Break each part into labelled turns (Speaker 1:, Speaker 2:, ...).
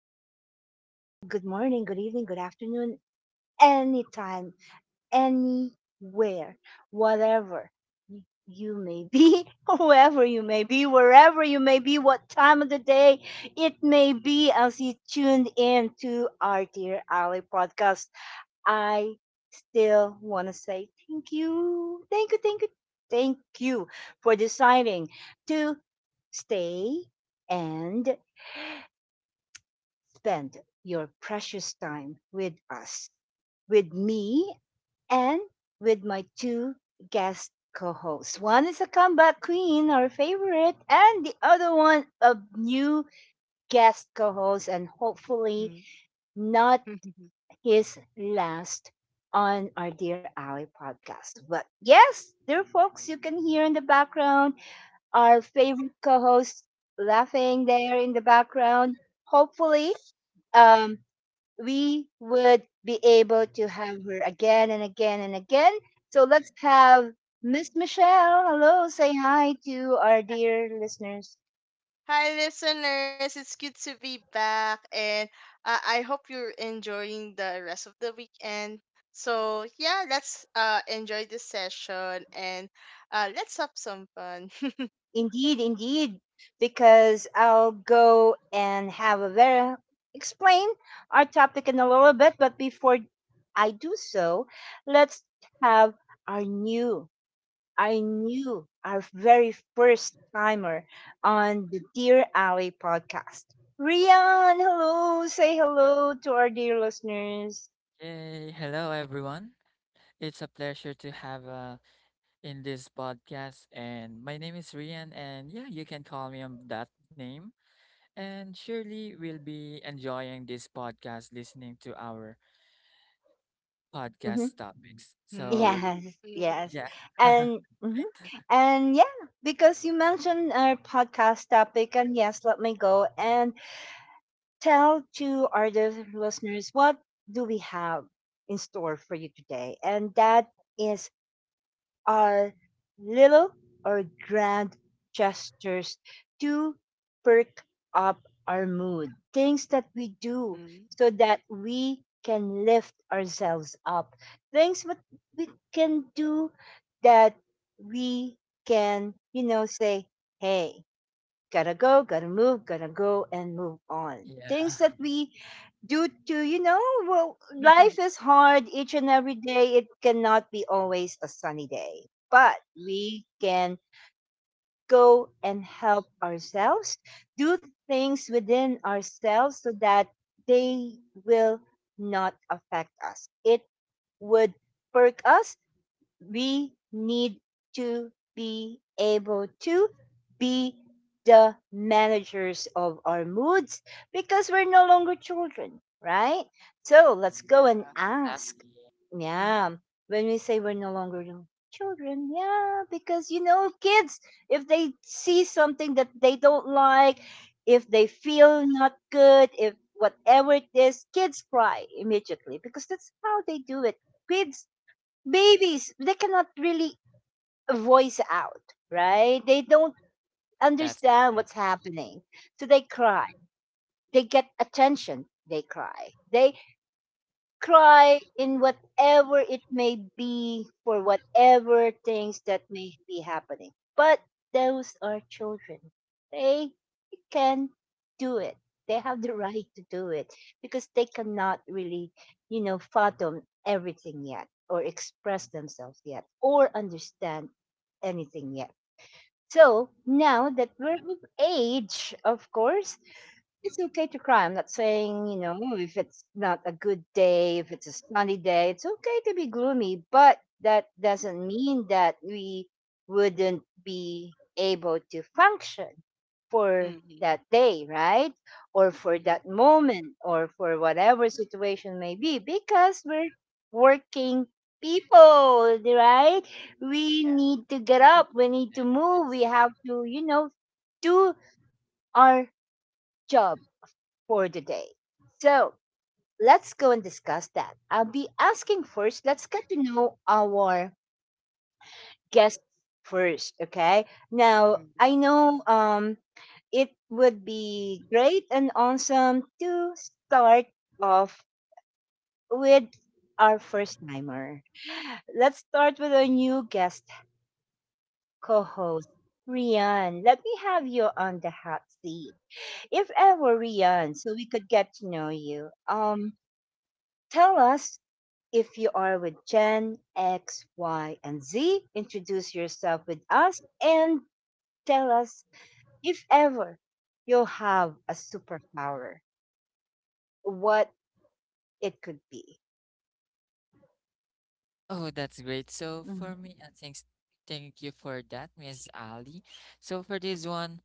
Speaker 1: hello, hello. Good morning, good evening, good afternoon, anytime, anywhere, whatever y- you may be, whoever you may be, wherever you may be, what time of the day it may be, as you tuned in to our Dear Ali podcast. I still want to say thank you, thank you, thank you, thank you for deciding to stay and spend your precious time with us, with me, and with my two guest co hosts. One is a comeback queen, our favorite, and the other one, a new guest co host, and hopefully not his last on our Dear Ally podcast. But yes, dear folks, you can hear in the background our favorite co host laughing there in the background. Hopefully, um, we would be able to have her again and again and again. So let's have Miss Michelle. Hello, say hi to our dear listeners. Indeed, indeed, because I'll go and have a very explain our topic in a little bit. But before I do so, let's have our new I knew our very first timer on the Dear Alley podcast. Rian, hello. Say hello to our dear listeners.
Speaker 2: Hey, hello, everyone. It's a pleasure to have in this podcast. And my name is Rian, and yeah, you can call me on that name. And surely we'll be enjoying this podcast, listening to our
Speaker 1: Hmm.
Speaker 2: podcast topics. So,
Speaker 1: Yes, yes.
Speaker 2: yeah.
Speaker 1: And mhm,
Speaker 2: Right?
Speaker 1: and yeah, because you mentioned our podcast topic, and yes, let me go and tell to our dear listeners what do we have in store for you today. And that is are little or grand gestures to perk up our mood, things that we do so that we can lift ourselves up, things what we can do that we can, you know, say, hey, gotta go, gotta move, gotta go and move on. Things
Speaker 2: Yeah.
Speaker 1: that we do to, you know, well, life is hard each and every day. It cannot be always a sunny day, but we can go and help ourselves, do things within ourselves so that they will not affect us. It would perk us we need to be able to be the managers of our moods because we're no longer children, right? So let's go and ask.
Speaker 2: Exactly.
Speaker 1: Yeah. When we say we're no longer children, yeah, because you know, kids, if they see something that they don't like, if they feel not good, if whatever it is, kids cry immediately because that's how they do it. Kids babies they cannot really voice out, right, they don't
Speaker 2: That's
Speaker 1: understand
Speaker 2: right.
Speaker 1: what's happening, so they cry, they get attention, they cry, they cry in whatever it may be for whatever things that may be happening. But those are children. They can do it. They have the right to do it because they cannot really, you know, fathom everything yet or express themselves yet or understand anything yet. So now that we're of age, of course, it's okay to cry. I'm not saying, you know, if it's not a good day, if it's a sunny day, it's okay to be gloomy, but that doesn't mean that we wouldn't be able to function for that day, right? Or for that moment or for whatever situation may be because we're working people, right? We need to get up, we need to move, we
Speaker 2: Yes.
Speaker 1: have to, you know, do our job for the day. So let's go and discuss that. I'll be asking first, let's get to know our guests first, okay? Now, I know it would be great and awesome to start off with our first timer. Let's start with our new guest co host. Rian, let me have you on the hot seat. If ever, Rian, so we could get to know you. Tell us if you are with Gen X, Y, and Z, introduce yourself with us and tell us if ever you'll have a superpower, what it could be.
Speaker 2: Oh, that's great. So for
Speaker 1: Mhm.
Speaker 2: me, I think thank you for that, Miss Ali. So for this one,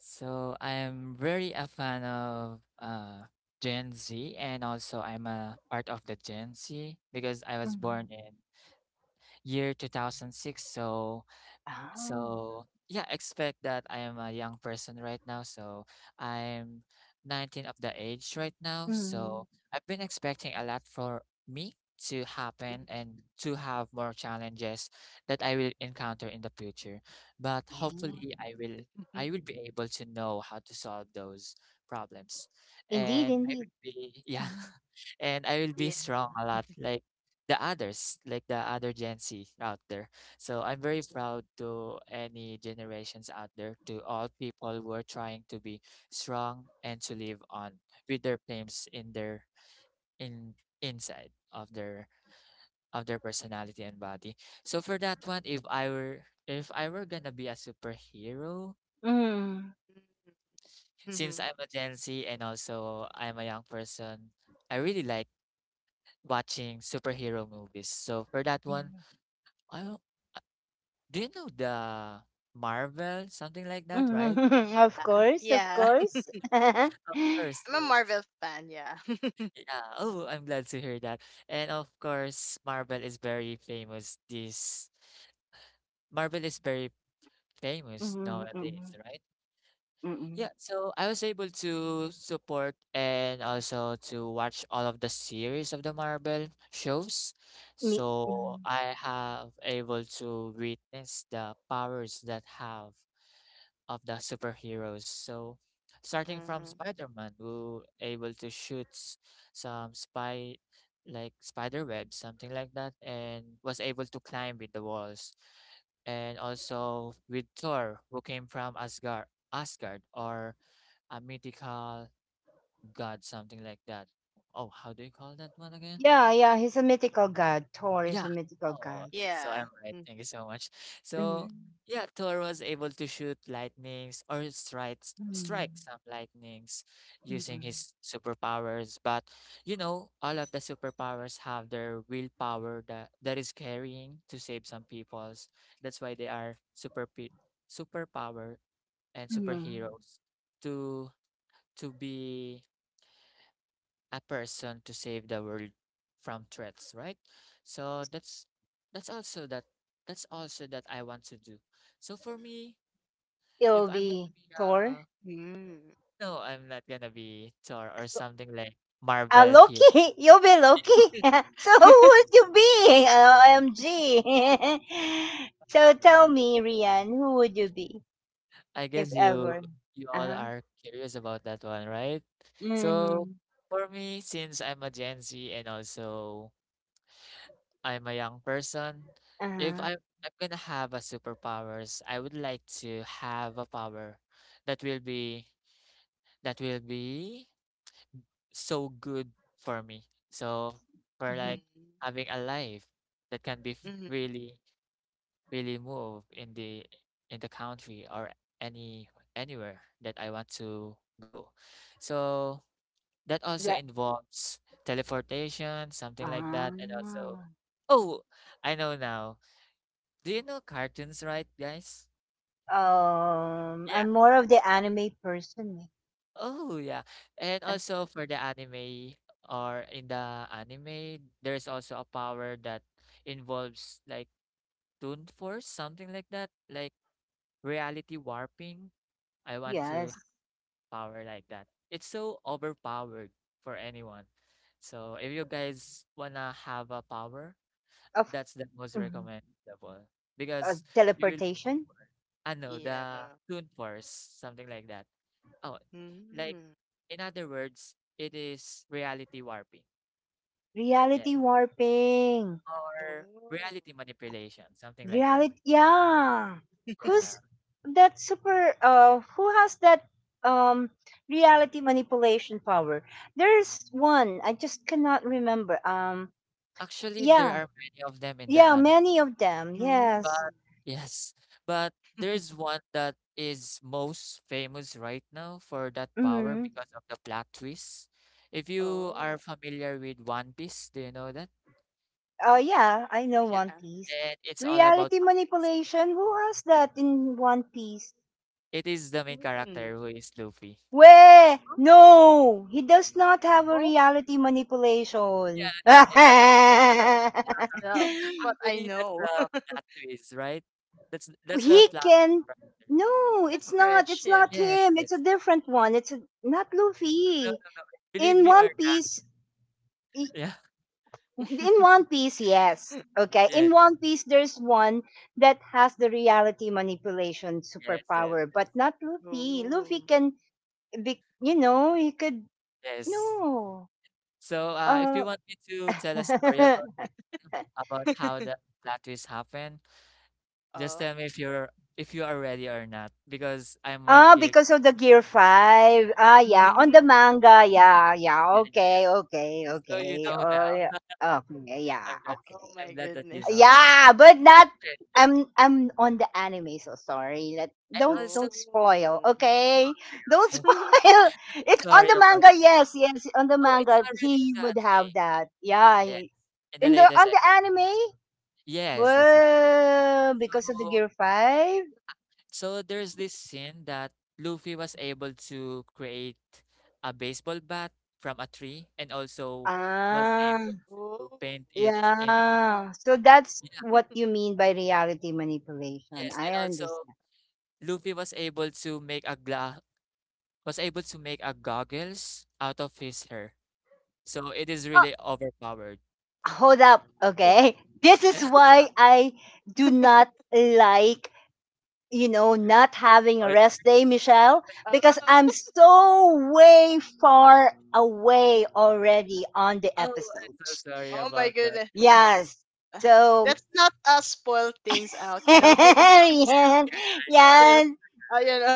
Speaker 2: so I am very a fan of Gen Z, and also I'm a part of the Gen Z because I was
Speaker 1: Mhm.
Speaker 2: born in year 2006. So
Speaker 1: Oh,
Speaker 2: so yeah, expect that I am a young person right now. So I'm 19 of the age right now.
Speaker 1: mm,
Speaker 2: So I've been expecting a lot for me to happen and to have more challenges that I will encounter in the future. But
Speaker 1: yeah.
Speaker 2: hopefully I will be able to know how to solve those problems.
Speaker 1: Indeed,
Speaker 2: And I
Speaker 1: indeed.
Speaker 2: will be, yeah.
Speaker 1: Mhm.
Speaker 2: And I will be strong a lot like the others, like the other Gen Z out there. So I'm very proud to any generations out there, to all people who are trying to be strong and to live on with their claims in their in inside of their personality and body. So for that one, if I were gonna be a superhero,
Speaker 1: Mhm.
Speaker 2: since I'm a Gen Z and also I'm a young person, I really like watching superhero movies. So for that one,
Speaker 1: Mhm.
Speaker 2: I do you know the Marvel, something like that,
Speaker 1: Mhm.
Speaker 2: right?
Speaker 1: Of course, of course.
Speaker 2: Of course, you yeah. Oh, I'm glad to hear that. And of course, Marvel is very famous. This Marvel is very famous
Speaker 1: Mhm,
Speaker 2: nowadays,
Speaker 1: mhm,
Speaker 2: right?
Speaker 1: mhm.
Speaker 2: Yeah, so I was able to support and also to watch all of the series of the Marvel shows. So
Speaker 1: Mhm.
Speaker 2: I have able to witness the powers that have of the superheroes. So, starting from Spider-Man, who able to shoot some spy like spider webs, something like that, and was able to climb with the walls. And also with Thor, who came from Asgard or a mythical god, something like that. Oh, how do you call that one again?
Speaker 1: Yeah, yeah, he's a mythical god. Thor is
Speaker 2: Yeah.
Speaker 1: a mythical
Speaker 2: Oh,
Speaker 1: god.
Speaker 2: so I'm right. Thank you so much. So
Speaker 1: Mhm.
Speaker 2: yeah, Thor was able to shoot lightnings or
Speaker 1: Mm,
Speaker 2: strike some lightnings using
Speaker 1: mm-mm,
Speaker 2: his superpowers. But you know, all of the superpowers have their willpower that is carrying to save some peoples. That's why they are superpower and
Speaker 1: mm.
Speaker 2: superheroes to be a person to save the world from threats, right? So that's also that that's also that I want to do. So for me,
Speaker 1: You'll
Speaker 2: if I'm gonna
Speaker 1: be
Speaker 2: be
Speaker 1: Thor.
Speaker 2: no, I'm not gonna be Thor or
Speaker 1: So-
Speaker 2: something like Marvel here.
Speaker 1: Loki, you'll be Loki. So who would you be? OMG. So tell me, Rian, who would you be
Speaker 2: I
Speaker 1: if
Speaker 2: guess you
Speaker 1: ever?
Speaker 2: you all
Speaker 1: Uh-huh.
Speaker 2: are curious about that one, right? So
Speaker 1: Mm-hmm.
Speaker 2: for me, since I'm a Gen Z and also I'm a young person. If
Speaker 1: Uh-huh.
Speaker 2: I I'm gonna have a superpowers, I would like to have a power that will be that will be so good for me. So for
Speaker 1: Mm-hmm.
Speaker 2: like having a life that can be really move in the country or any anywhere that I want to go. So that also
Speaker 1: Yeah.
Speaker 2: involves teleportation, something like that, and also
Speaker 1: Ah.
Speaker 2: oh, I know now. Do you know cartoons, right, guys? Yeah.
Speaker 1: I'm more of the anime person, eh.
Speaker 2: Oh yeah. And
Speaker 1: Uh,
Speaker 2: also for the anime or in the anime, there's also a power that involves like Toon Force, something like that, like reality warping. I want to
Speaker 1: yes.
Speaker 2: have power like that. It's so overpowered for anyone. So if you guys wanna have a power,
Speaker 1: Of
Speaker 2: that's the most
Speaker 1: mhm.
Speaker 2: recommendable
Speaker 1: Uh,
Speaker 2: because you will be,
Speaker 1: teleportation,
Speaker 2: I know
Speaker 3: Yeah.
Speaker 2: the Toon Force, something like that. Oh, like
Speaker 3: Mm.
Speaker 2: in other words, it is reality warping. Yeah.
Speaker 1: reality warping.
Speaker 2: Or
Speaker 3: Oh.
Speaker 2: reality manipulation, something like that.
Speaker 1: Reality, yeah.
Speaker 2: Yeah.
Speaker 1: Who's that super? Who has that um reality manipulation power? There's one I just cannot remember.
Speaker 2: Actually, there
Speaker 1: Yeah,
Speaker 2: are many of them in the
Speaker 1: yeah,
Speaker 2: anime,
Speaker 1: many of them.
Speaker 3: Mm.
Speaker 1: Yes.
Speaker 2: but yes, but there's one that is most famous right now for that power
Speaker 1: Hmm.
Speaker 2: because of the plot twist. If you are
Speaker 3: Oh.
Speaker 2: familiar with One Piece, do you know that?
Speaker 1: Yeah, I know
Speaker 2: Yeah.
Speaker 1: One
Speaker 3: Yeah.
Speaker 1: Piece.
Speaker 2: And it's all about
Speaker 1: Reality
Speaker 2: participation.
Speaker 1: manipulation. Who has that in One Piece?
Speaker 2: It is the main
Speaker 3: Mm.
Speaker 2: character who is Luffy.
Speaker 1: Where? No, he does not have a
Speaker 3: Oh,
Speaker 1: reality
Speaker 2: Yeah,
Speaker 1: manipulation.
Speaker 3: oh, I
Speaker 2: yeah.
Speaker 3: know it's yourself. That's what I
Speaker 2: Actually, that's
Speaker 3: know.
Speaker 2: the plot twist, right? That's
Speaker 1: Well,
Speaker 2: that's the
Speaker 1: he
Speaker 2: plot
Speaker 1: can.
Speaker 2: right there.
Speaker 1: No,
Speaker 3: Can
Speaker 1: it's not.
Speaker 3: stretch.
Speaker 1: It's
Speaker 3: Yeah.
Speaker 1: not
Speaker 2: Yes,
Speaker 1: him. It's a
Speaker 2: yes.
Speaker 1: different one. It's a, not
Speaker 2: No,
Speaker 1: Luffy.
Speaker 2: believe
Speaker 1: In
Speaker 2: me or
Speaker 1: One
Speaker 2: not.
Speaker 1: Piece, i-
Speaker 2: Yeah.
Speaker 1: in One Piece, yes. Okay. In
Speaker 2: Yes,
Speaker 1: One Piece, there's one that has the reality manipulation
Speaker 2: yes, yes,
Speaker 1: superpower,
Speaker 2: yes.
Speaker 1: but not Luffy. Luffy
Speaker 3: Oh.
Speaker 1: can be, you know, he could.
Speaker 2: Yes.
Speaker 1: No.
Speaker 2: So, if
Speaker 1: Uh,
Speaker 2: you want me to tell a story about how the plot twist happened, just
Speaker 3: Oh.
Speaker 2: tell me if you are ready or not, because I might
Speaker 1: ah,
Speaker 2: give.
Speaker 1: because of the Gear 5. Ah,
Speaker 2: Yeah,
Speaker 1: yeah.
Speaker 2: yeah,
Speaker 1: On the
Speaker 3: Mm.
Speaker 1: manga. Yeah, yeah.
Speaker 2: yeah, yeah,
Speaker 1: Okay, okay,
Speaker 2: yeah. So you
Speaker 1: okay.
Speaker 2: know
Speaker 1: Oh, yeah.
Speaker 2: now.
Speaker 1: Okay, yeah.
Speaker 2: I'm glad.
Speaker 3: Oh
Speaker 1: Okay.
Speaker 3: my
Speaker 2: I'm glad that you
Speaker 3: goodness.
Speaker 2: know that.
Speaker 1: Yeah, but not
Speaker 2: Okay,
Speaker 1: I'm on the anime, so sorry. Let
Speaker 2: and also,
Speaker 1: don't spoil,
Speaker 3: Oh.
Speaker 1: okay?
Speaker 2: okay,
Speaker 1: Don't
Speaker 2: okay.
Speaker 1: spoil. It's on
Speaker 2: Sorry
Speaker 1: the
Speaker 2: about.
Speaker 1: manga, yes, yes. On the
Speaker 2: Oh, it's
Speaker 1: manga,
Speaker 2: already in
Speaker 1: he
Speaker 2: the
Speaker 1: would have
Speaker 2: anime.
Speaker 1: that. Yeah.
Speaker 2: Yes. In the
Speaker 1: In the
Speaker 2: latest
Speaker 1: on the
Speaker 2: episode.
Speaker 1: anime,
Speaker 2: Yes, that's right.
Speaker 1: well, because of the
Speaker 2: So
Speaker 1: Gear Five.
Speaker 2: so there's this scene that Luffy was able to create a baseball bat from a tree and also was
Speaker 1: Ah.
Speaker 2: able to
Speaker 3: Oh.
Speaker 2: paint it into brown.
Speaker 1: Yeah. So that's
Speaker 2: Yeah,
Speaker 1: what you mean by reality manipulation.
Speaker 2: yes. And
Speaker 1: I
Speaker 2: also
Speaker 1: understand.
Speaker 2: Luffy was able to make a gla was able to make a goggles out of his hair. So it is
Speaker 1: Oh,
Speaker 2: really overpowered.
Speaker 1: hold up.
Speaker 3: Wow.
Speaker 1: Okay. This is why I do
Speaker 3: Oh.
Speaker 1: not like, you know, not having a
Speaker 2: Oh,
Speaker 1: rest day, Michelle, because I'm so way far away already on the
Speaker 2: I'm
Speaker 1: episodes.
Speaker 2: so sorry
Speaker 3: Oh my
Speaker 2: about that.
Speaker 3: goodness.
Speaker 1: Yes.
Speaker 3: Uh,
Speaker 1: So,
Speaker 3: Let's not spoil things out, you know. Be-
Speaker 1: yeah.
Speaker 3: Maybe
Speaker 2: Got
Speaker 3: still,
Speaker 2: it.
Speaker 1: Yeah.
Speaker 3: you know.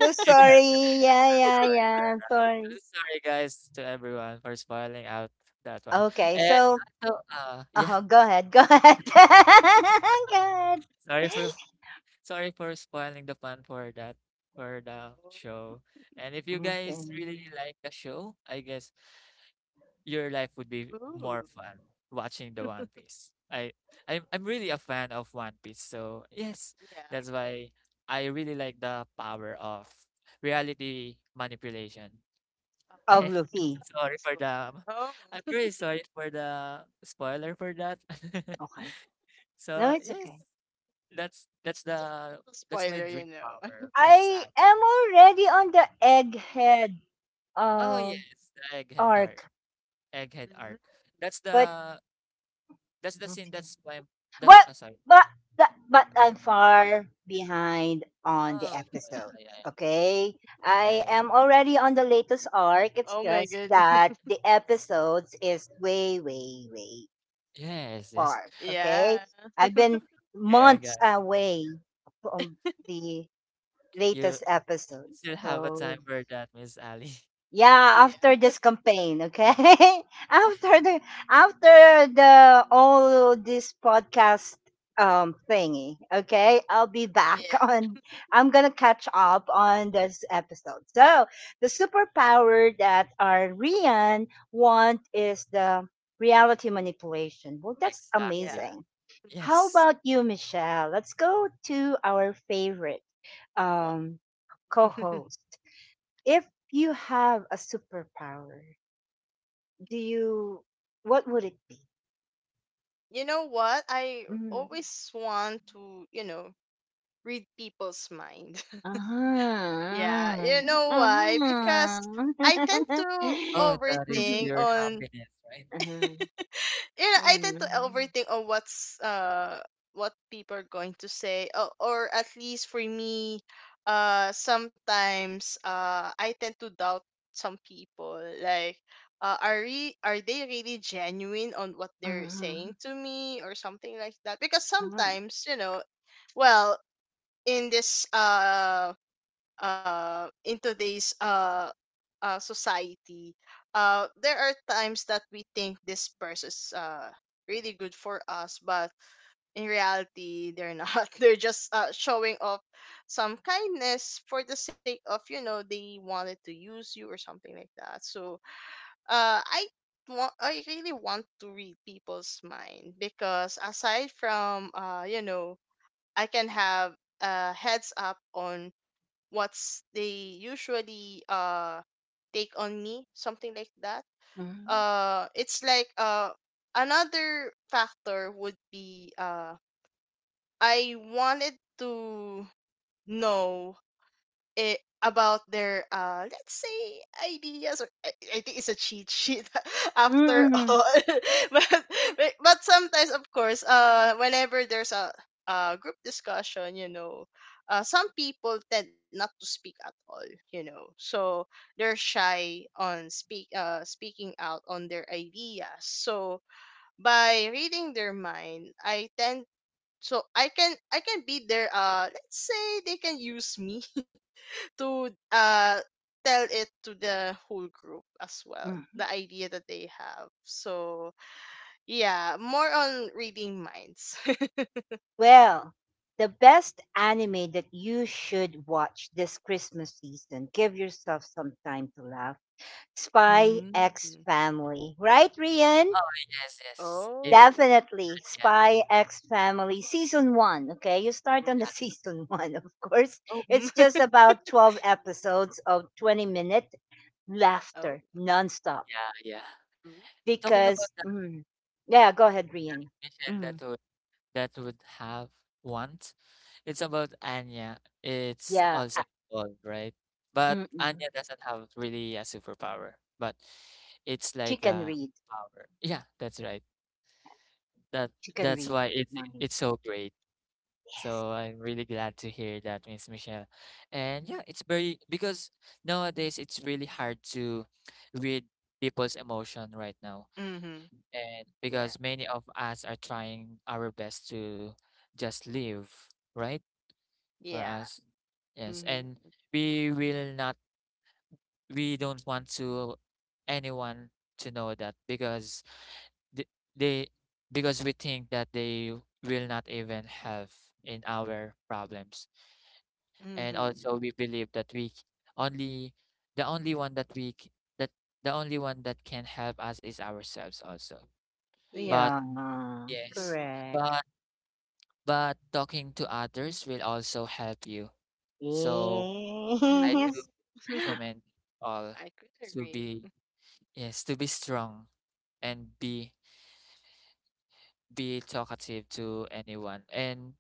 Speaker 1: So
Speaker 2: You
Speaker 1: sorry.
Speaker 2: got that. I'm
Speaker 1: Yeah.
Speaker 2: so
Speaker 1: Yeah.
Speaker 2: sorry.
Speaker 1: Yeah. Sorry.
Speaker 2: I'm sorry, guys, to everyone for spoiling out that one.
Speaker 1: Okay.
Speaker 2: And
Speaker 1: So,
Speaker 2: also, yeah,
Speaker 1: uh-huh. Go ahead. Go ahead. Go ahead.
Speaker 2: sorry for sorry for spoiling the fun for that for the show. And if you
Speaker 1: Okay.
Speaker 2: guys really like the show, I guess your life would
Speaker 3: Oh,
Speaker 2: be more
Speaker 3: ooh,
Speaker 2: fun watching the One Piece. I'm really a fan of One Piece, so yes,
Speaker 3: yeah.
Speaker 2: that's why I really like the power of reality manipulation.
Speaker 3: Um,
Speaker 1: Oh,
Speaker 2: And
Speaker 1: Luffy.
Speaker 3: that's why.
Speaker 2: I'm
Speaker 3: Oh,
Speaker 2: really sorry for the spoiler for that.
Speaker 1: Okay. No,
Speaker 2: So
Speaker 1: it's
Speaker 2: yes,
Speaker 1: okay.
Speaker 2: that's
Speaker 3: just a
Speaker 2: the
Speaker 3: little
Speaker 2: that's my
Speaker 3: spoiler, you
Speaker 2: dream
Speaker 3: know.
Speaker 2: power with
Speaker 1: I
Speaker 2: Sam.
Speaker 1: am already on the egghead
Speaker 2: Oh
Speaker 1: uh,
Speaker 2: yes, the egghead heart,
Speaker 1: arc,
Speaker 2: egghead
Speaker 3: Mhm.
Speaker 2: arc. That's
Speaker 1: but
Speaker 2: the that's the scene.
Speaker 1: okay.
Speaker 2: That's why I'm, that's
Speaker 1: Well,
Speaker 2: oh sorry.
Speaker 1: but but but I'm far behind on the
Speaker 2: Oh
Speaker 1: episodes.
Speaker 2: yeah,
Speaker 1: Okay, I
Speaker 2: yeah, yeah,
Speaker 1: am already on the latest arc.
Speaker 3: Oh
Speaker 1: It's
Speaker 3: my
Speaker 1: just
Speaker 3: goodness.
Speaker 1: that the
Speaker 2: yes,
Speaker 1: episodes is way, way, way
Speaker 2: yes, yes.
Speaker 1: far. Okay,
Speaker 3: Yeah.
Speaker 1: I've been
Speaker 2: Hey, I got
Speaker 1: months
Speaker 2: it.
Speaker 1: away from the
Speaker 2: You
Speaker 1: latest episode.
Speaker 2: still have a time
Speaker 1: So
Speaker 2: for that, Miss Ali.
Speaker 1: yeah,
Speaker 2: The-
Speaker 3: Yeah.
Speaker 1: after this campaign, okay,
Speaker 3: Oh,
Speaker 1: after the after the all this podcast thingy, okay, I'll be back
Speaker 3: yeah.
Speaker 1: on. I'm gonna catch up on this episode. So the superpower that our Rian want is the reality manipulation. Well, that's
Speaker 3: Yeah.
Speaker 2: Exactly,
Speaker 1: amazing. How
Speaker 2: yes.
Speaker 1: about you, Michelle? Let's go to our favorite
Speaker 3: Wow.
Speaker 1: um, co-host. If you have a superpower, do you? What would it be?
Speaker 3: You know what? I
Speaker 1: Mm.
Speaker 3: always want to, you know, read people's mind. Yeah.
Speaker 1: Uh-huh.
Speaker 3: You know why? Because I
Speaker 1: Uh-huh.
Speaker 3: tend to
Speaker 2: Oh, that is
Speaker 1: Mhm.
Speaker 3: overthink
Speaker 2: pure
Speaker 3: on
Speaker 2: happiness, right?
Speaker 1: Uh-huh.
Speaker 3: you know,
Speaker 1: Yeah.
Speaker 3: I tend to
Speaker 1: Mhm.
Speaker 3: overthink on what's what people are going to say, or at least for me, sometimes I tend to doubt some people. Like, are re- are they really genuine on what they're saying to me or something like that? Because
Speaker 1: Mhm.
Speaker 3: sometimes, you know, well, in this in today's society, there are times that we think this person is really good for us, but in reality, they're not. They're just showing off some kindness for the sake of, you know, they wanted to use you or something like that. So uh, I I really want to read people's mind because aside from, you know, I can have a heads up on what's they usually take on me something like that.
Speaker 1: Mhm.
Speaker 3: It's like another factor would be I wanted to know, eh, about their let's say ideas, or I think it's a cheat sheet after
Speaker 1: Mhm.
Speaker 3: all. But sometimes of course whenever there's a group discussion, you know, some people tend not to speak at all, you know, so they're shy on speaking out on their ideas. So by reading their mind, I tend so I can, I can be their let's say they can use me to tell it to the whole group as well
Speaker 1: Mhm.
Speaker 3: the idea that they have. So yeah, more on reading minds.
Speaker 1: Well, the best anime that you should watch this Christmas season, give yourself some time to laugh. Spy X
Speaker 3: Mm.
Speaker 1: Family. Right, Rian?
Speaker 2: Oh, yes, yes. It's
Speaker 3: Oh.
Speaker 1: Definitely.
Speaker 2: yeah,
Speaker 1: Spy X Family season one. Okay. You start on the
Speaker 2: yeah.
Speaker 1: season one, of course.
Speaker 2: Oh,
Speaker 1: It's just about
Speaker 2: so
Speaker 1: 12 episodes of 20-minute minute
Speaker 3: Oh.
Speaker 1: laughter nonstop.
Speaker 2: yeah, yeah. Talking about
Speaker 1: Because,
Speaker 2: that,
Speaker 1: mm, yeah, go ahead, Rian.
Speaker 2: Michelle, that
Speaker 1: Mm,
Speaker 2: would that would have want. It's about Anya. It's
Speaker 1: yeah.
Speaker 2: also involved, right? But
Speaker 1: Mm-mm.
Speaker 2: Anya doesn't have really a superpower, but it's
Speaker 1: She
Speaker 2: like
Speaker 1: can
Speaker 2: a
Speaker 1: read.
Speaker 2: power. Yeah, that's right. That
Speaker 1: She can
Speaker 2: that's
Speaker 1: read
Speaker 2: why it's
Speaker 1: minds.
Speaker 2: it's so great.
Speaker 1: Yes.
Speaker 2: So I'm really glad to hear that, Miss Michelle. And yeah, it's very because nowadays it's really hard to read people's emotion right now.
Speaker 3: Mm-hmm.
Speaker 2: And
Speaker 3: Yeah.
Speaker 2: because many of us are trying our best to just live, right? For
Speaker 3: Yeah.
Speaker 2: us. Yes.
Speaker 3: Mm-hmm.
Speaker 2: And we will not, we don't want to anyone to know that because th- they because we think that they will not even help in our problems, and
Speaker 3: Mm-hmm.
Speaker 2: also we believe that only the only one that the only one that can help us is ourselves also, but
Speaker 3: Yeah.
Speaker 1: Yeah.
Speaker 2: yes,
Speaker 3: Mm-hmm.
Speaker 1: Correct.
Speaker 2: but but talking to others will also help you, so I do
Speaker 1: Yes.
Speaker 3: Mm-hmm.
Speaker 2: recommend all
Speaker 3: I could
Speaker 2: to
Speaker 3: agree.
Speaker 2: be yes to be strong and be talkative to anyone and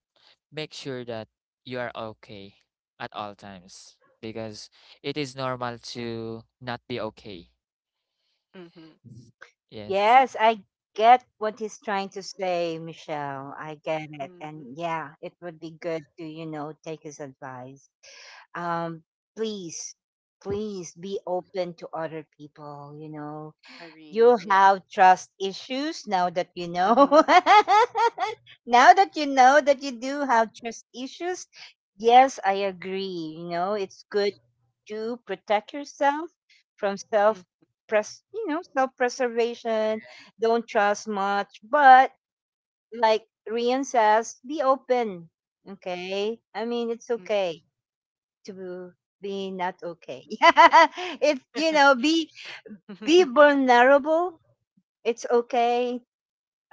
Speaker 2: make sure that you are okay at all times because it is normal to not be okay.
Speaker 3: Mm-hmm.
Speaker 2: Yes.
Speaker 1: Yes, I get what he's trying to say, Michelle. I get it. And
Speaker 3: Mm-hmm.
Speaker 1: yeah, it would be good to, you know, take his advice. Um, please, please be open to other people, you know
Speaker 3: Agree,
Speaker 1: you
Speaker 3: yeah.
Speaker 1: have trust issues now that you know.
Speaker 3: Mm-hmm.
Speaker 1: Now that you know that you do have trust issues, yes, I agree. You know, it's good to protect yourself from self press, you know, self preservation. Don't trust much, but like Rian says, be open. Okay, I mean it's
Speaker 3: Mm-hmm.
Speaker 1: okay to be not okay. Yeah, it's you know
Speaker 3: Yeah.
Speaker 1: be vulnerable it's okay.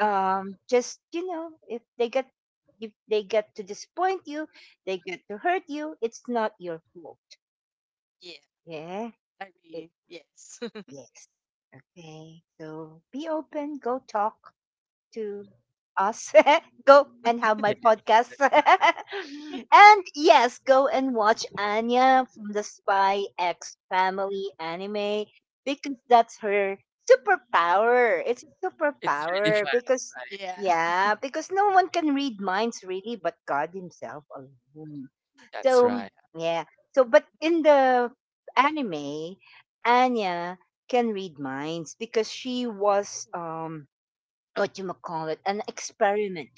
Speaker 3: Mm.
Speaker 1: Just you know, if they get to disappoint you, they get to hurt you. It's not your fault.
Speaker 3: Yeah.
Speaker 1: Yeah.
Speaker 3: Agree.
Speaker 1: It,
Speaker 3: Yes.
Speaker 1: yes. Okay. So be open. Go talk to us. Go and have my
Speaker 2: Yeah,
Speaker 1: podcast.
Speaker 2: that's right.
Speaker 1: And yes, go and watch Anya from the Spy X Family anime because that's her superpower. It's a
Speaker 2: It's really
Speaker 1: superpower
Speaker 2: fun,
Speaker 1: because,
Speaker 2: right?
Speaker 3: Yeah.
Speaker 1: yeah, because no one can read minds really but God Himself alone.
Speaker 2: That's
Speaker 3: Yeah.
Speaker 1: So,
Speaker 2: right.
Speaker 1: yeah. So, but in the anime, Anya can read minds because she was what you ma call it, an experiment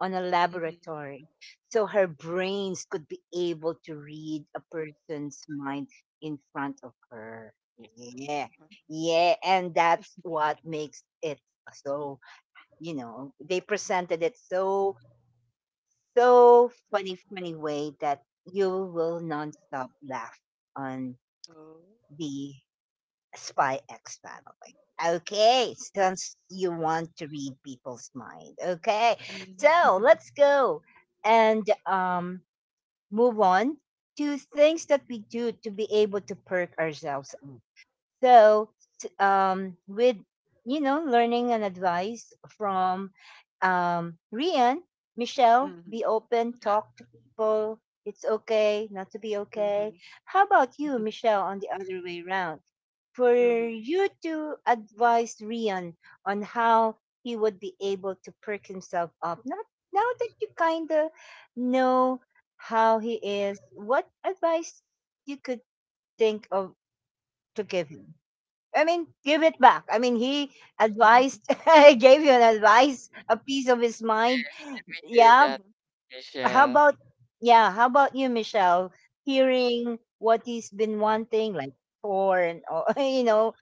Speaker 1: on a
Speaker 3: Mm-hmm.
Speaker 1: laboratory. So her brains could be able to read a person's mind in front of her. Yeah.
Speaker 3: Uh-huh.
Speaker 1: Yeah. And that's what makes it so, you know, they presented it so, so funny, funny way that you will nonstop laugh on
Speaker 3: Oh.
Speaker 1: the Spy X Family. Okay, since you want to read people's mind. Okay,
Speaker 3: Mm-hmm.
Speaker 1: so let's go and move on to things that we do to be able to perk ourselves up. So, with you know, learning and advice from Rian, Michelle,
Speaker 3: Mm-hmm.
Speaker 1: be open,
Speaker 2: Yeah,
Speaker 1: talk to people. It's okay not to be
Speaker 3: Mm-hmm.
Speaker 1: okay. How about you, Michelle, on the other way around? For
Speaker 3: Mm-hmm.
Speaker 1: you to advise Rian on how he would be able to perk himself up. Not now that you kind of know how he is, what advice you could think of to give him? I mean, give it back. I mean, he
Speaker 3: Mm-hmm.
Speaker 1: advised, gave you an advice, a piece of his mind.
Speaker 2: we hear
Speaker 1: Yeah,
Speaker 2: that,
Speaker 1: how
Speaker 2: Michelle.
Speaker 1: about you, Michelle, hearing what he's been wanting, like porn, or you know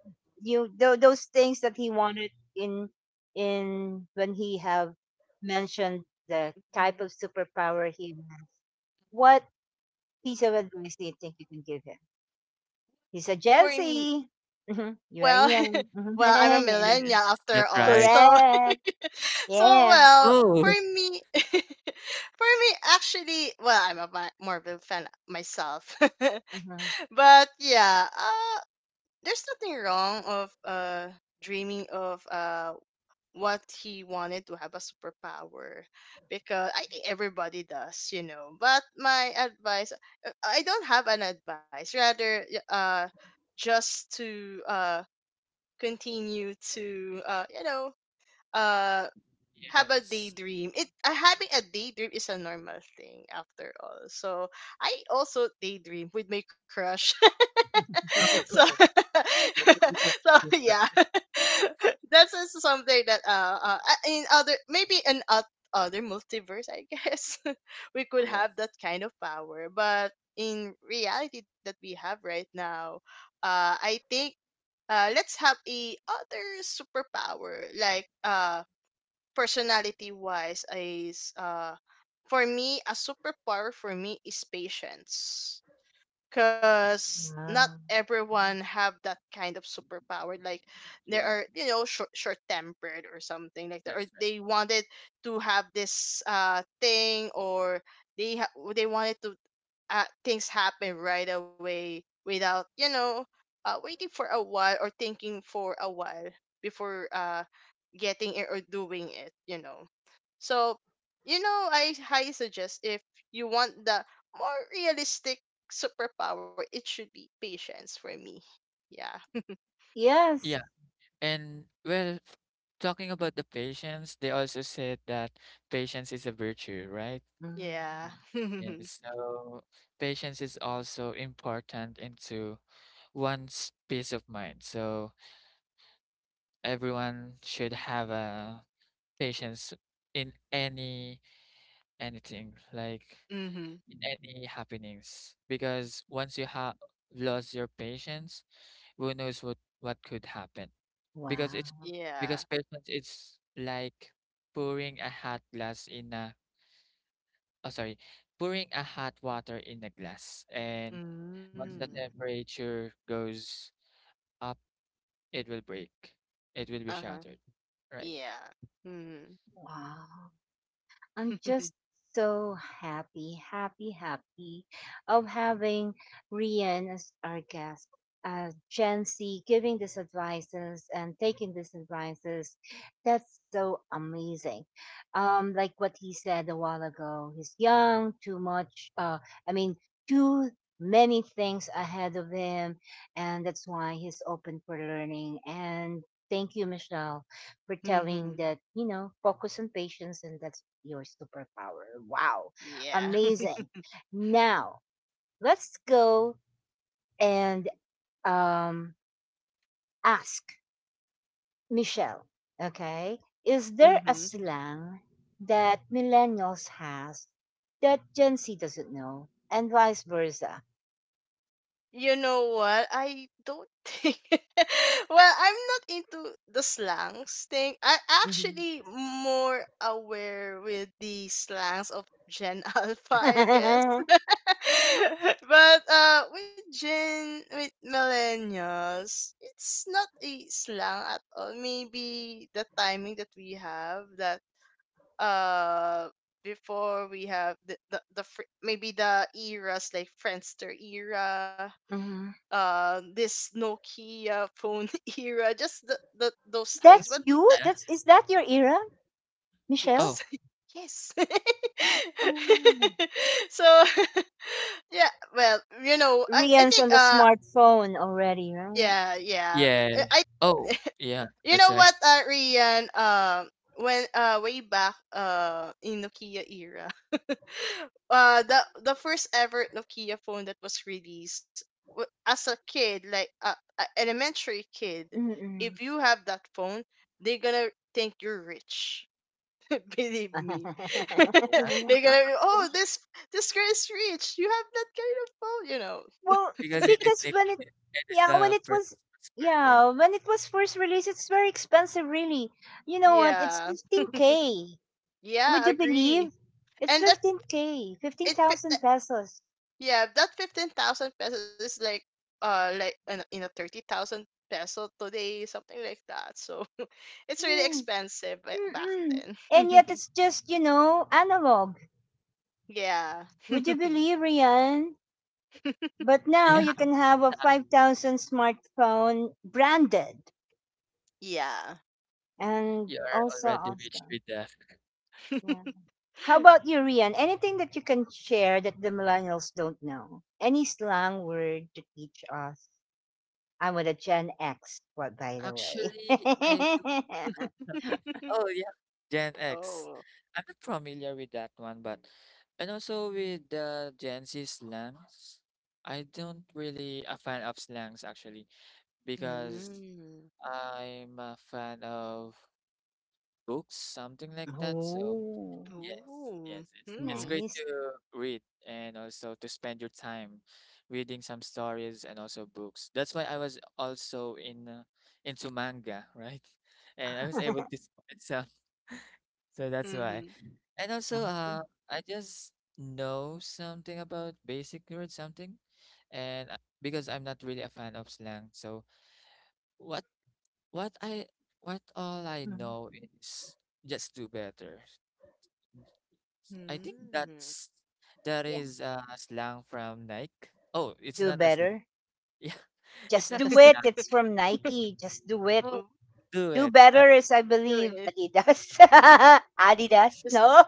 Speaker 1: those things that he wanted in in when he have mentioned the
Speaker 3: Mm-hmm.
Speaker 1: type of superpower he wants? What piece of advice do you think you can give him? He's a
Speaker 3: For
Speaker 1: Gen Z.
Speaker 3: m-
Speaker 1: Mhm. You are
Speaker 3: well,
Speaker 1: young. Mhm.
Speaker 3: well, I'm a
Speaker 2: Yes,
Speaker 3: millennial after
Speaker 2: that's
Speaker 3: all,
Speaker 2: right.
Speaker 3: so
Speaker 1: correct.
Speaker 3: so
Speaker 1: Yeah.
Speaker 3: well for
Speaker 2: Oh,
Speaker 3: me. For me, actually, well, I'm a Ma- Marvel fan myself,
Speaker 1: Mhm.
Speaker 3: but yeah, there's nothing wrong of dreaming of what he wanted to have a superpower because I think everybody does, you know. But my advice, I don't have an advice, rather, y- just to continue to you know uh have a
Speaker 2: yes.
Speaker 3: daydream. It Having a daydream is a normal thing after all. So I also daydream with my crush.
Speaker 2: Of
Speaker 3: So
Speaker 2: course. That's a different
Speaker 3: so
Speaker 2: thing, right?
Speaker 3: yeah, that's just something that in other, maybe in oth- other multiverse I guess we could have
Speaker 2: Yes.
Speaker 3: that kind of power, but in reality that we have right now, I think. Let's have a other superpower like personality wise is for me a superpower for me is patience, because not
Speaker 1: Wow.
Speaker 3: everyone have that kind of superpower, like there
Speaker 2: Yeah,
Speaker 3: are you know short, short tempered or something like that, or
Speaker 2: that's right.
Speaker 3: they wanted to have this thing, or they wanted to things happen right away without you know waiting for a while or thinking for a while before getting it or doing it, you know. So, you know, I highly suggest if you want the more realistic superpower, it should be patience for me. Yeah.
Speaker 1: Yes.
Speaker 2: Yeah, and well, talking about the patience, they also said that patience is a virtue, right?
Speaker 3: Yeah.
Speaker 1: Mhm.
Speaker 3: Mm-hmm.
Speaker 2: Yes. So patience is also important into one's peace of mind. So everyone should have a patience in anything like in any happenings, because once you have lost your patience, who knows what could happen, because it's
Speaker 1: Wow.
Speaker 3: Yeah.
Speaker 2: because patience it's like pouring a hot glass in a oh sorry, pouring a hot water in a glass, and
Speaker 3: Mm.
Speaker 2: once the temperature goes up, it will break, it will be
Speaker 3: Uh huh.
Speaker 2: shattered, right?
Speaker 3: Yeah. Mm.
Speaker 1: Wow. I'm just so happy, happy, happy of having Rian as our guest. Gen Z giving these advices and taking these advices. That's so amazing. Like what he said a while ago, he's young, too much, I mean, too many things ahead of him. And that's why he's open for learning. And thank you, Michelle, pretending
Speaker 3: Mm-hmm.
Speaker 1: that you know focus on patience, and that's your superpower. Wow.
Speaker 3: Yeah.
Speaker 1: Amazing. Now let's go and um ask Michelle. Okay, is there a
Speaker 3: Mm-hmm.
Speaker 1: slang that millennials has that Gen Z doesn't know, and vice versa?
Speaker 3: You know what? I don't think. Well, I'm not into the slangs thing. I'm
Speaker 1: Mhm.
Speaker 3: actually more aware with the slangs of Gen Alpha, I guess. But with Gen, with millennials, it's not a slang at all. Maybe the timing that we have that uh before we have the fr- maybe the eras like Friendster era, this Nokia phone era, just the those things.
Speaker 1: that's
Speaker 3: But
Speaker 1: you.
Speaker 3: with that,
Speaker 2: Yeah.
Speaker 1: That's is that your era, Michelle?
Speaker 2: Oh.
Speaker 3: yes, yes.
Speaker 1: Ooh.
Speaker 3: So yeah, well, you know, I think
Speaker 1: Rian's on the smartphone already, right?
Speaker 3: yeah, yeah.
Speaker 2: Yeah.
Speaker 3: I.
Speaker 2: Oh, yeah,
Speaker 3: You
Speaker 2: that's
Speaker 3: know
Speaker 2: right.
Speaker 3: what, Rian? When way back in Nokia era, uh, the the first ever Nokia phone that was released w- as a kid, like a elementary kid, if
Speaker 1: Mm.
Speaker 3: you have that phone, they're gonna think you're rich. Believe me, they're
Speaker 2: Yeah,
Speaker 3: gonna be, oh, this girl is rich. You have that kind of phone, you know.
Speaker 1: Well,
Speaker 2: because it is
Speaker 1: because
Speaker 2: the it
Speaker 1: when it,
Speaker 2: it is
Speaker 1: yeah,
Speaker 2: the first smartphone.
Speaker 1: yeah, when it was first released, it's very expensive, really. You know what? It's
Speaker 3: Yeah,
Speaker 1: 15k. Would
Speaker 3: yeah,
Speaker 1: you
Speaker 3: agree.
Speaker 1: believe? It's
Speaker 3: And that
Speaker 1: 15k,
Speaker 3: it.
Speaker 1: 15,000 pesos.
Speaker 3: Yeah, that 15,000 pesos is like in a 30,000 peso today, something like that. So it's really
Speaker 1: Mm,
Speaker 3: expensive ba- back
Speaker 1: mm-mm. And yet
Speaker 3: then.
Speaker 1: it's just, you know, analog.
Speaker 3: Yeah.
Speaker 1: Would you believe, Rian? But now
Speaker 2: Yeah,
Speaker 1: you can have a
Speaker 2: exactly.
Speaker 1: 5,000 smartphone, branded
Speaker 3: Yeah.
Speaker 1: and
Speaker 2: You are
Speaker 1: also
Speaker 2: already rich
Speaker 1: awesome.
Speaker 2: with that.
Speaker 1: Yeah. How about you, Rian? Anything that you can share that the millennials don't know? Any slang word to teach us? I'm with a Gen X, what, by the way.
Speaker 2: Actually, I do. Oh, yeah, Gen X.
Speaker 3: Oh.
Speaker 2: I'm not familiar with that one, but and also with the Gen Z slangs. I don't really a fan of slangs actually, because
Speaker 3: Mm.
Speaker 2: I'm a fan of books, something like that. So
Speaker 1: oh,
Speaker 2: yes, yes,
Speaker 3: Ooh.
Speaker 2: it's
Speaker 3: Hmm.
Speaker 2: great
Speaker 1: nice.
Speaker 2: to read and also to spend your time reading some stories and also books. That's why I was also in into manga, right? And I was able to spend some, so that's why.
Speaker 3: Mhm.
Speaker 2: And also,
Speaker 1: Awesome.
Speaker 2: I just know something about basic words, something, and because I'm not really a fan of slang, so what what I what all I
Speaker 1: Mhm.
Speaker 2: know is just do better. I think
Speaker 3: Hmm.
Speaker 2: that
Speaker 1: Yeah.
Speaker 2: is slang from Nike. Oh, it's
Speaker 1: Do
Speaker 2: not a slang.
Speaker 1: better.
Speaker 2: Yeah, it's
Speaker 1: Just
Speaker 2: not a
Speaker 1: do it.
Speaker 2: slang.
Speaker 1: It's from Nike. Just do it.
Speaker 2: Oh,
Speaker 3: Ooh,
Speaker 2: do
Speaker 1: Do
Speaker 2: it.
Speaker 1: better is, I
Speaker 3: do
Speaker 1: believe,
Speaker 3: it.
Speaker 1: Adidas. Adidas?
Speaker 3: Just
Speaker 1: No,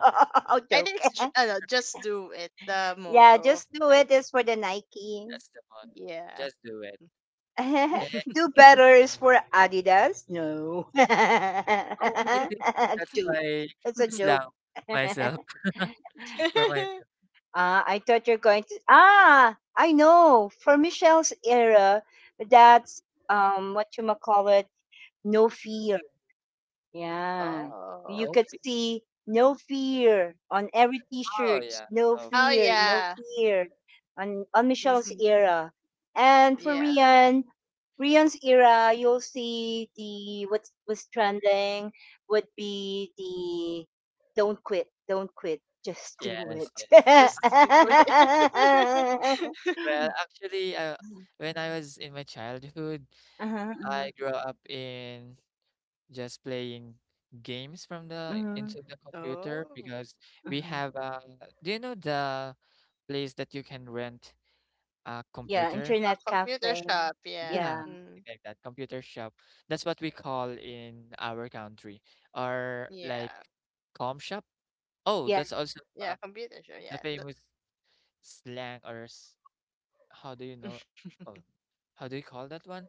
Speaker 3: I think
Speaker 1: joke.
Speaker 3: it's ju- no, just
Speaker 2: that's,
Speaker 3: do it. The
Speaker 1: yeah,
Speaker 3: motto of
Speaker 1: just do it
Speaker 3: Nike.
Speaker 1: is for the Nike.
Speaker 2: that's the motto.
Speaker 3: Yeah.
Speaker 2: Just do it. And
Speaker 1: Do better is for Adidas. No.
Speaker 2: oh, I think that's
Speaker 1: joke.
Speaker 2: my
Speaker 1: That's a joke.
Speaker 2: slang
Speaker 1: uh,
Speaker 2: myself for myself.
Speaker 1: I thought you're going to. Ah, I know. For Michelle's era, that's what you call it, no fear. Yeah.
Speaker 3: Oh.
Speaker 1: You
Speaker 2: No
Speaker 1: could
Speaker 2: fear.
Speaker 1: see no fear on every
Speaker 2: Oh
Speaker 1: t-shirt.
Speaker 2: yeah,
Speaker 1: No
Speaker 2: no
Speaker 3: Oh
Speaker 1: fear,
Speaker 2: fear.
Speaker 1: no
Speaker 3: yeah.
Speaker 1: fear on
Speaker 2: Yes,
Speaker 1: Michelle's
Speaker 3: Mhm.
Speaker 1: era. And
Speaker 3: Yeah.
Speaker 1: for Rian, Rian's era, you'll see the what was trending would be the don't quit, just do
Speaker 2: yes,
Speaker 1: it.
Speaker 2: yes.
Speaker 3: Just do
Speaker 2: Actually,
Speaker 3: it.
Speaker 2: well, when I was in my childhood,
Speaker 1: Uh-huh, uh-huh,
Speaker 2: I grew up in just playing games from the
Speaker 1: mhm,
Speaker 2: into the computer,
Speaker 3: Oh,
Speaker 2: because we
Speaker 1: mhm.
Speaker 2: have do you know the place that you can rent a
Speaker 1: Yeah,
Speaker 2: computer?
Speaker 3: a
Speaker 1: internet
Speaker 3: computer
Speaker 2: Something
Speaker 1: cafe.
Speaker 3: shop. Yeah.
Speaker 2: like- Yeah,
Speaker 1: Yeah,
Speaker 3: Mm,
Speaker 2: something like that. Computer shop. That's what we call in our country. Or
Speaker 3: yeah.
Speaker 2: like com shop. Oh,
Speaker 1: yeah,
Speaker 2: that's also
Speaker 3: Yeah, computer shop.
Speaker 2: the
Speaker 3: Yeah. The,
Speaker 2: famous slang or how do you know? Oh, how do you call that one?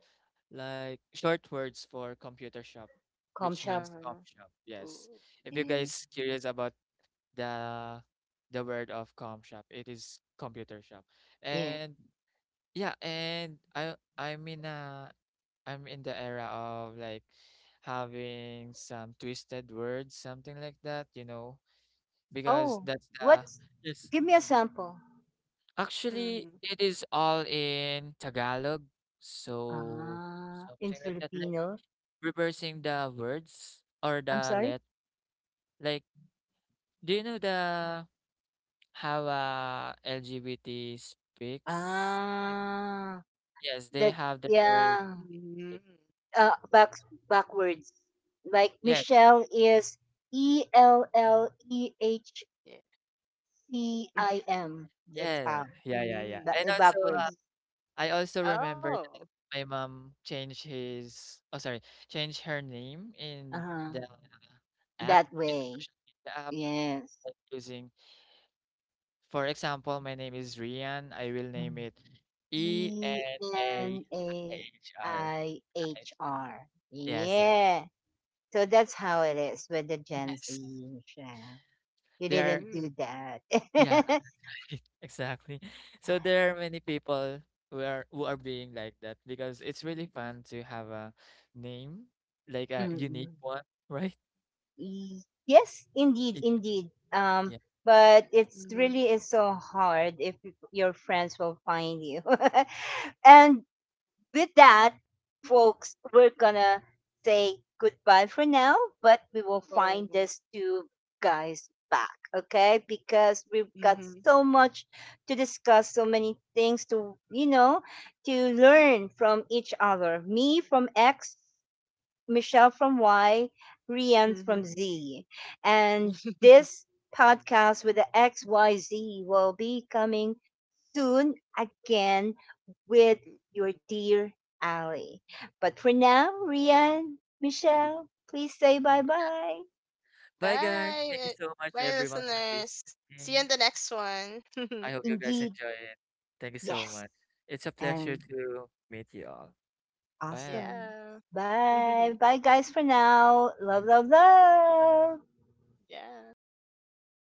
Speaker 2: Like short words for computer shop,
Speaker 1: com
Speaker 2: which
Speaker 1: shop.
Speaker 2: means com
Speaker 3: uh-huh.
Speaker 2: shop. Yes.
Speaker 3: Ooh.
Speaker 2: If you
Speaker 1: Yeah.
Speaker 2: guys curious about the the word of com shop, it is computer shop.
Speaker 1: Yeah.
Speaker 2: And yeah, and I'm in the era of like having some twisted words, something like that, you know, because
Speaker 1: Oh,
Speaker 2: that's the
Speaker 1: what's—
Speaker 2: yes.
Speaker 1: give me a sample.
Speaker 2: Actually,
Speaker 3: Mm-hmm.
Speaker 2: it is all in Tagalog, so
Speaker 1: Ah, in
Speaker 2: something like that, like
Speaker 1: Filipino.
Speaker 2: reversing the words or
Speaker 1: I'm
Speaker 2: the
Speaker 1: sorry.
Speaker 2: let. Like, do you know the how LGBT speaks? Something like
Speaker 1: Ah,
Speaker 2: yes, they
Speaker 1: that,
Speaker 2: have the word.
Speaker 1: yeah.
Speaker 3: Mhm.
Speaker 2: it-
Speaker 1: Uh, back backwards. Like
Speaker 2: Yeah,
Speaker 1: Michelle is E L L E H
Speaker 3: Yeah.
Speaker 1: C I M. That's
Speaker 2: yeah,
Speaker 1: how.
Speaker 2: yeah, yeah, yeah.
Speaker 3: Mhm.
Speaker 2: And also, uh,
Speaker 3: Mhm.
Speaker 1: Backwards.
Speaker 2: I also remember
Speaker 3: Oh.
Speaker 2: that my mom changed his. Oh, sorry, changed her name
Speaker 1: Uh
Speaker 2: in the
Speaker 1: huh.
Speaker 2: app
Speaker 1: That
Speaker 2: in the
Speaker 1: way.
Speaker 2: social media app,
Speaker 1: Yes.
Speaker 2: like, using. For example, my name is Rian. I will name
Speaker 1: Mhm.
Speaker 2: it E
Speaker 1: E
Speaker 2: N A
Speaker 1: N
Speaker 2: I
Speaker 1: A
Speaker 2: H R.
Speaker 1: I
Speaker 2: Right?
Speaker 1: H R.
Speaker 2: Yes, yes.
Speaker 1: Yeah. So that's how it is with the Gen
Speaker 2: Yes.
Speaker 1: Z, Michelle. You
Speaker 2: There are,
Speaker 1: didn't
Speaker 3: Mhm.
Speaker 1: do that.
Speaker 2: yeah, exactly. So there are many people who are being like that because it's really fun to have a name, like a unique
Speaker 1: Mm-mm.
Speaker 2: one, right?
Speaker 1: Y- yes, indeed,
Speaker 2: Y-
Speaker 1: indeed.
Speaker 2: Yeah.
Speaker 1: But it's
Speaker 3: Mhm.
Speaker 1: really is so hard if your friends will find you. and with that, folks, we're gonna say goodbye for now, but we will find
Speaker 3: Oh.
Speaker 1: these two guys back, okay? Because we've got
Speaker 3: Mhm.
Speaker 1: so much to discuss, so many things to, you know, to learn from each other. Me from X, Michelle from Y, Rian from
Speaker 3: Mhm.
Speaker 1: Z. And this podcast with the XYZ will be coming soon again with your dear Ali. But for now, Rian, Michelle, please say bye bye.
Speaker 2: Bye guys. Thank
Speaker 3: Bye.
Speaker 2: you so much
Speaker 3: Bye,
Speaker 2: everyone for
Speaker 3: listeners. See you
Speaker 2: listening.
Speaker 3: in the next one.
Speaker 2: I hope you guys
Speaker 1: Indeed,
Speaker 2: enjoy it. Thank you so
Speaker 1: yes.
Speaker 2: much. It's a pleasure
Speaker 1: And
Speaker 2: to meet you all. Bye.
Speaker 1: awesome.
Speaker 3: Yeah.
Speaker 1: Bye. Bye, guys, for now. Love, love, love.
Speaker 3: Yeah.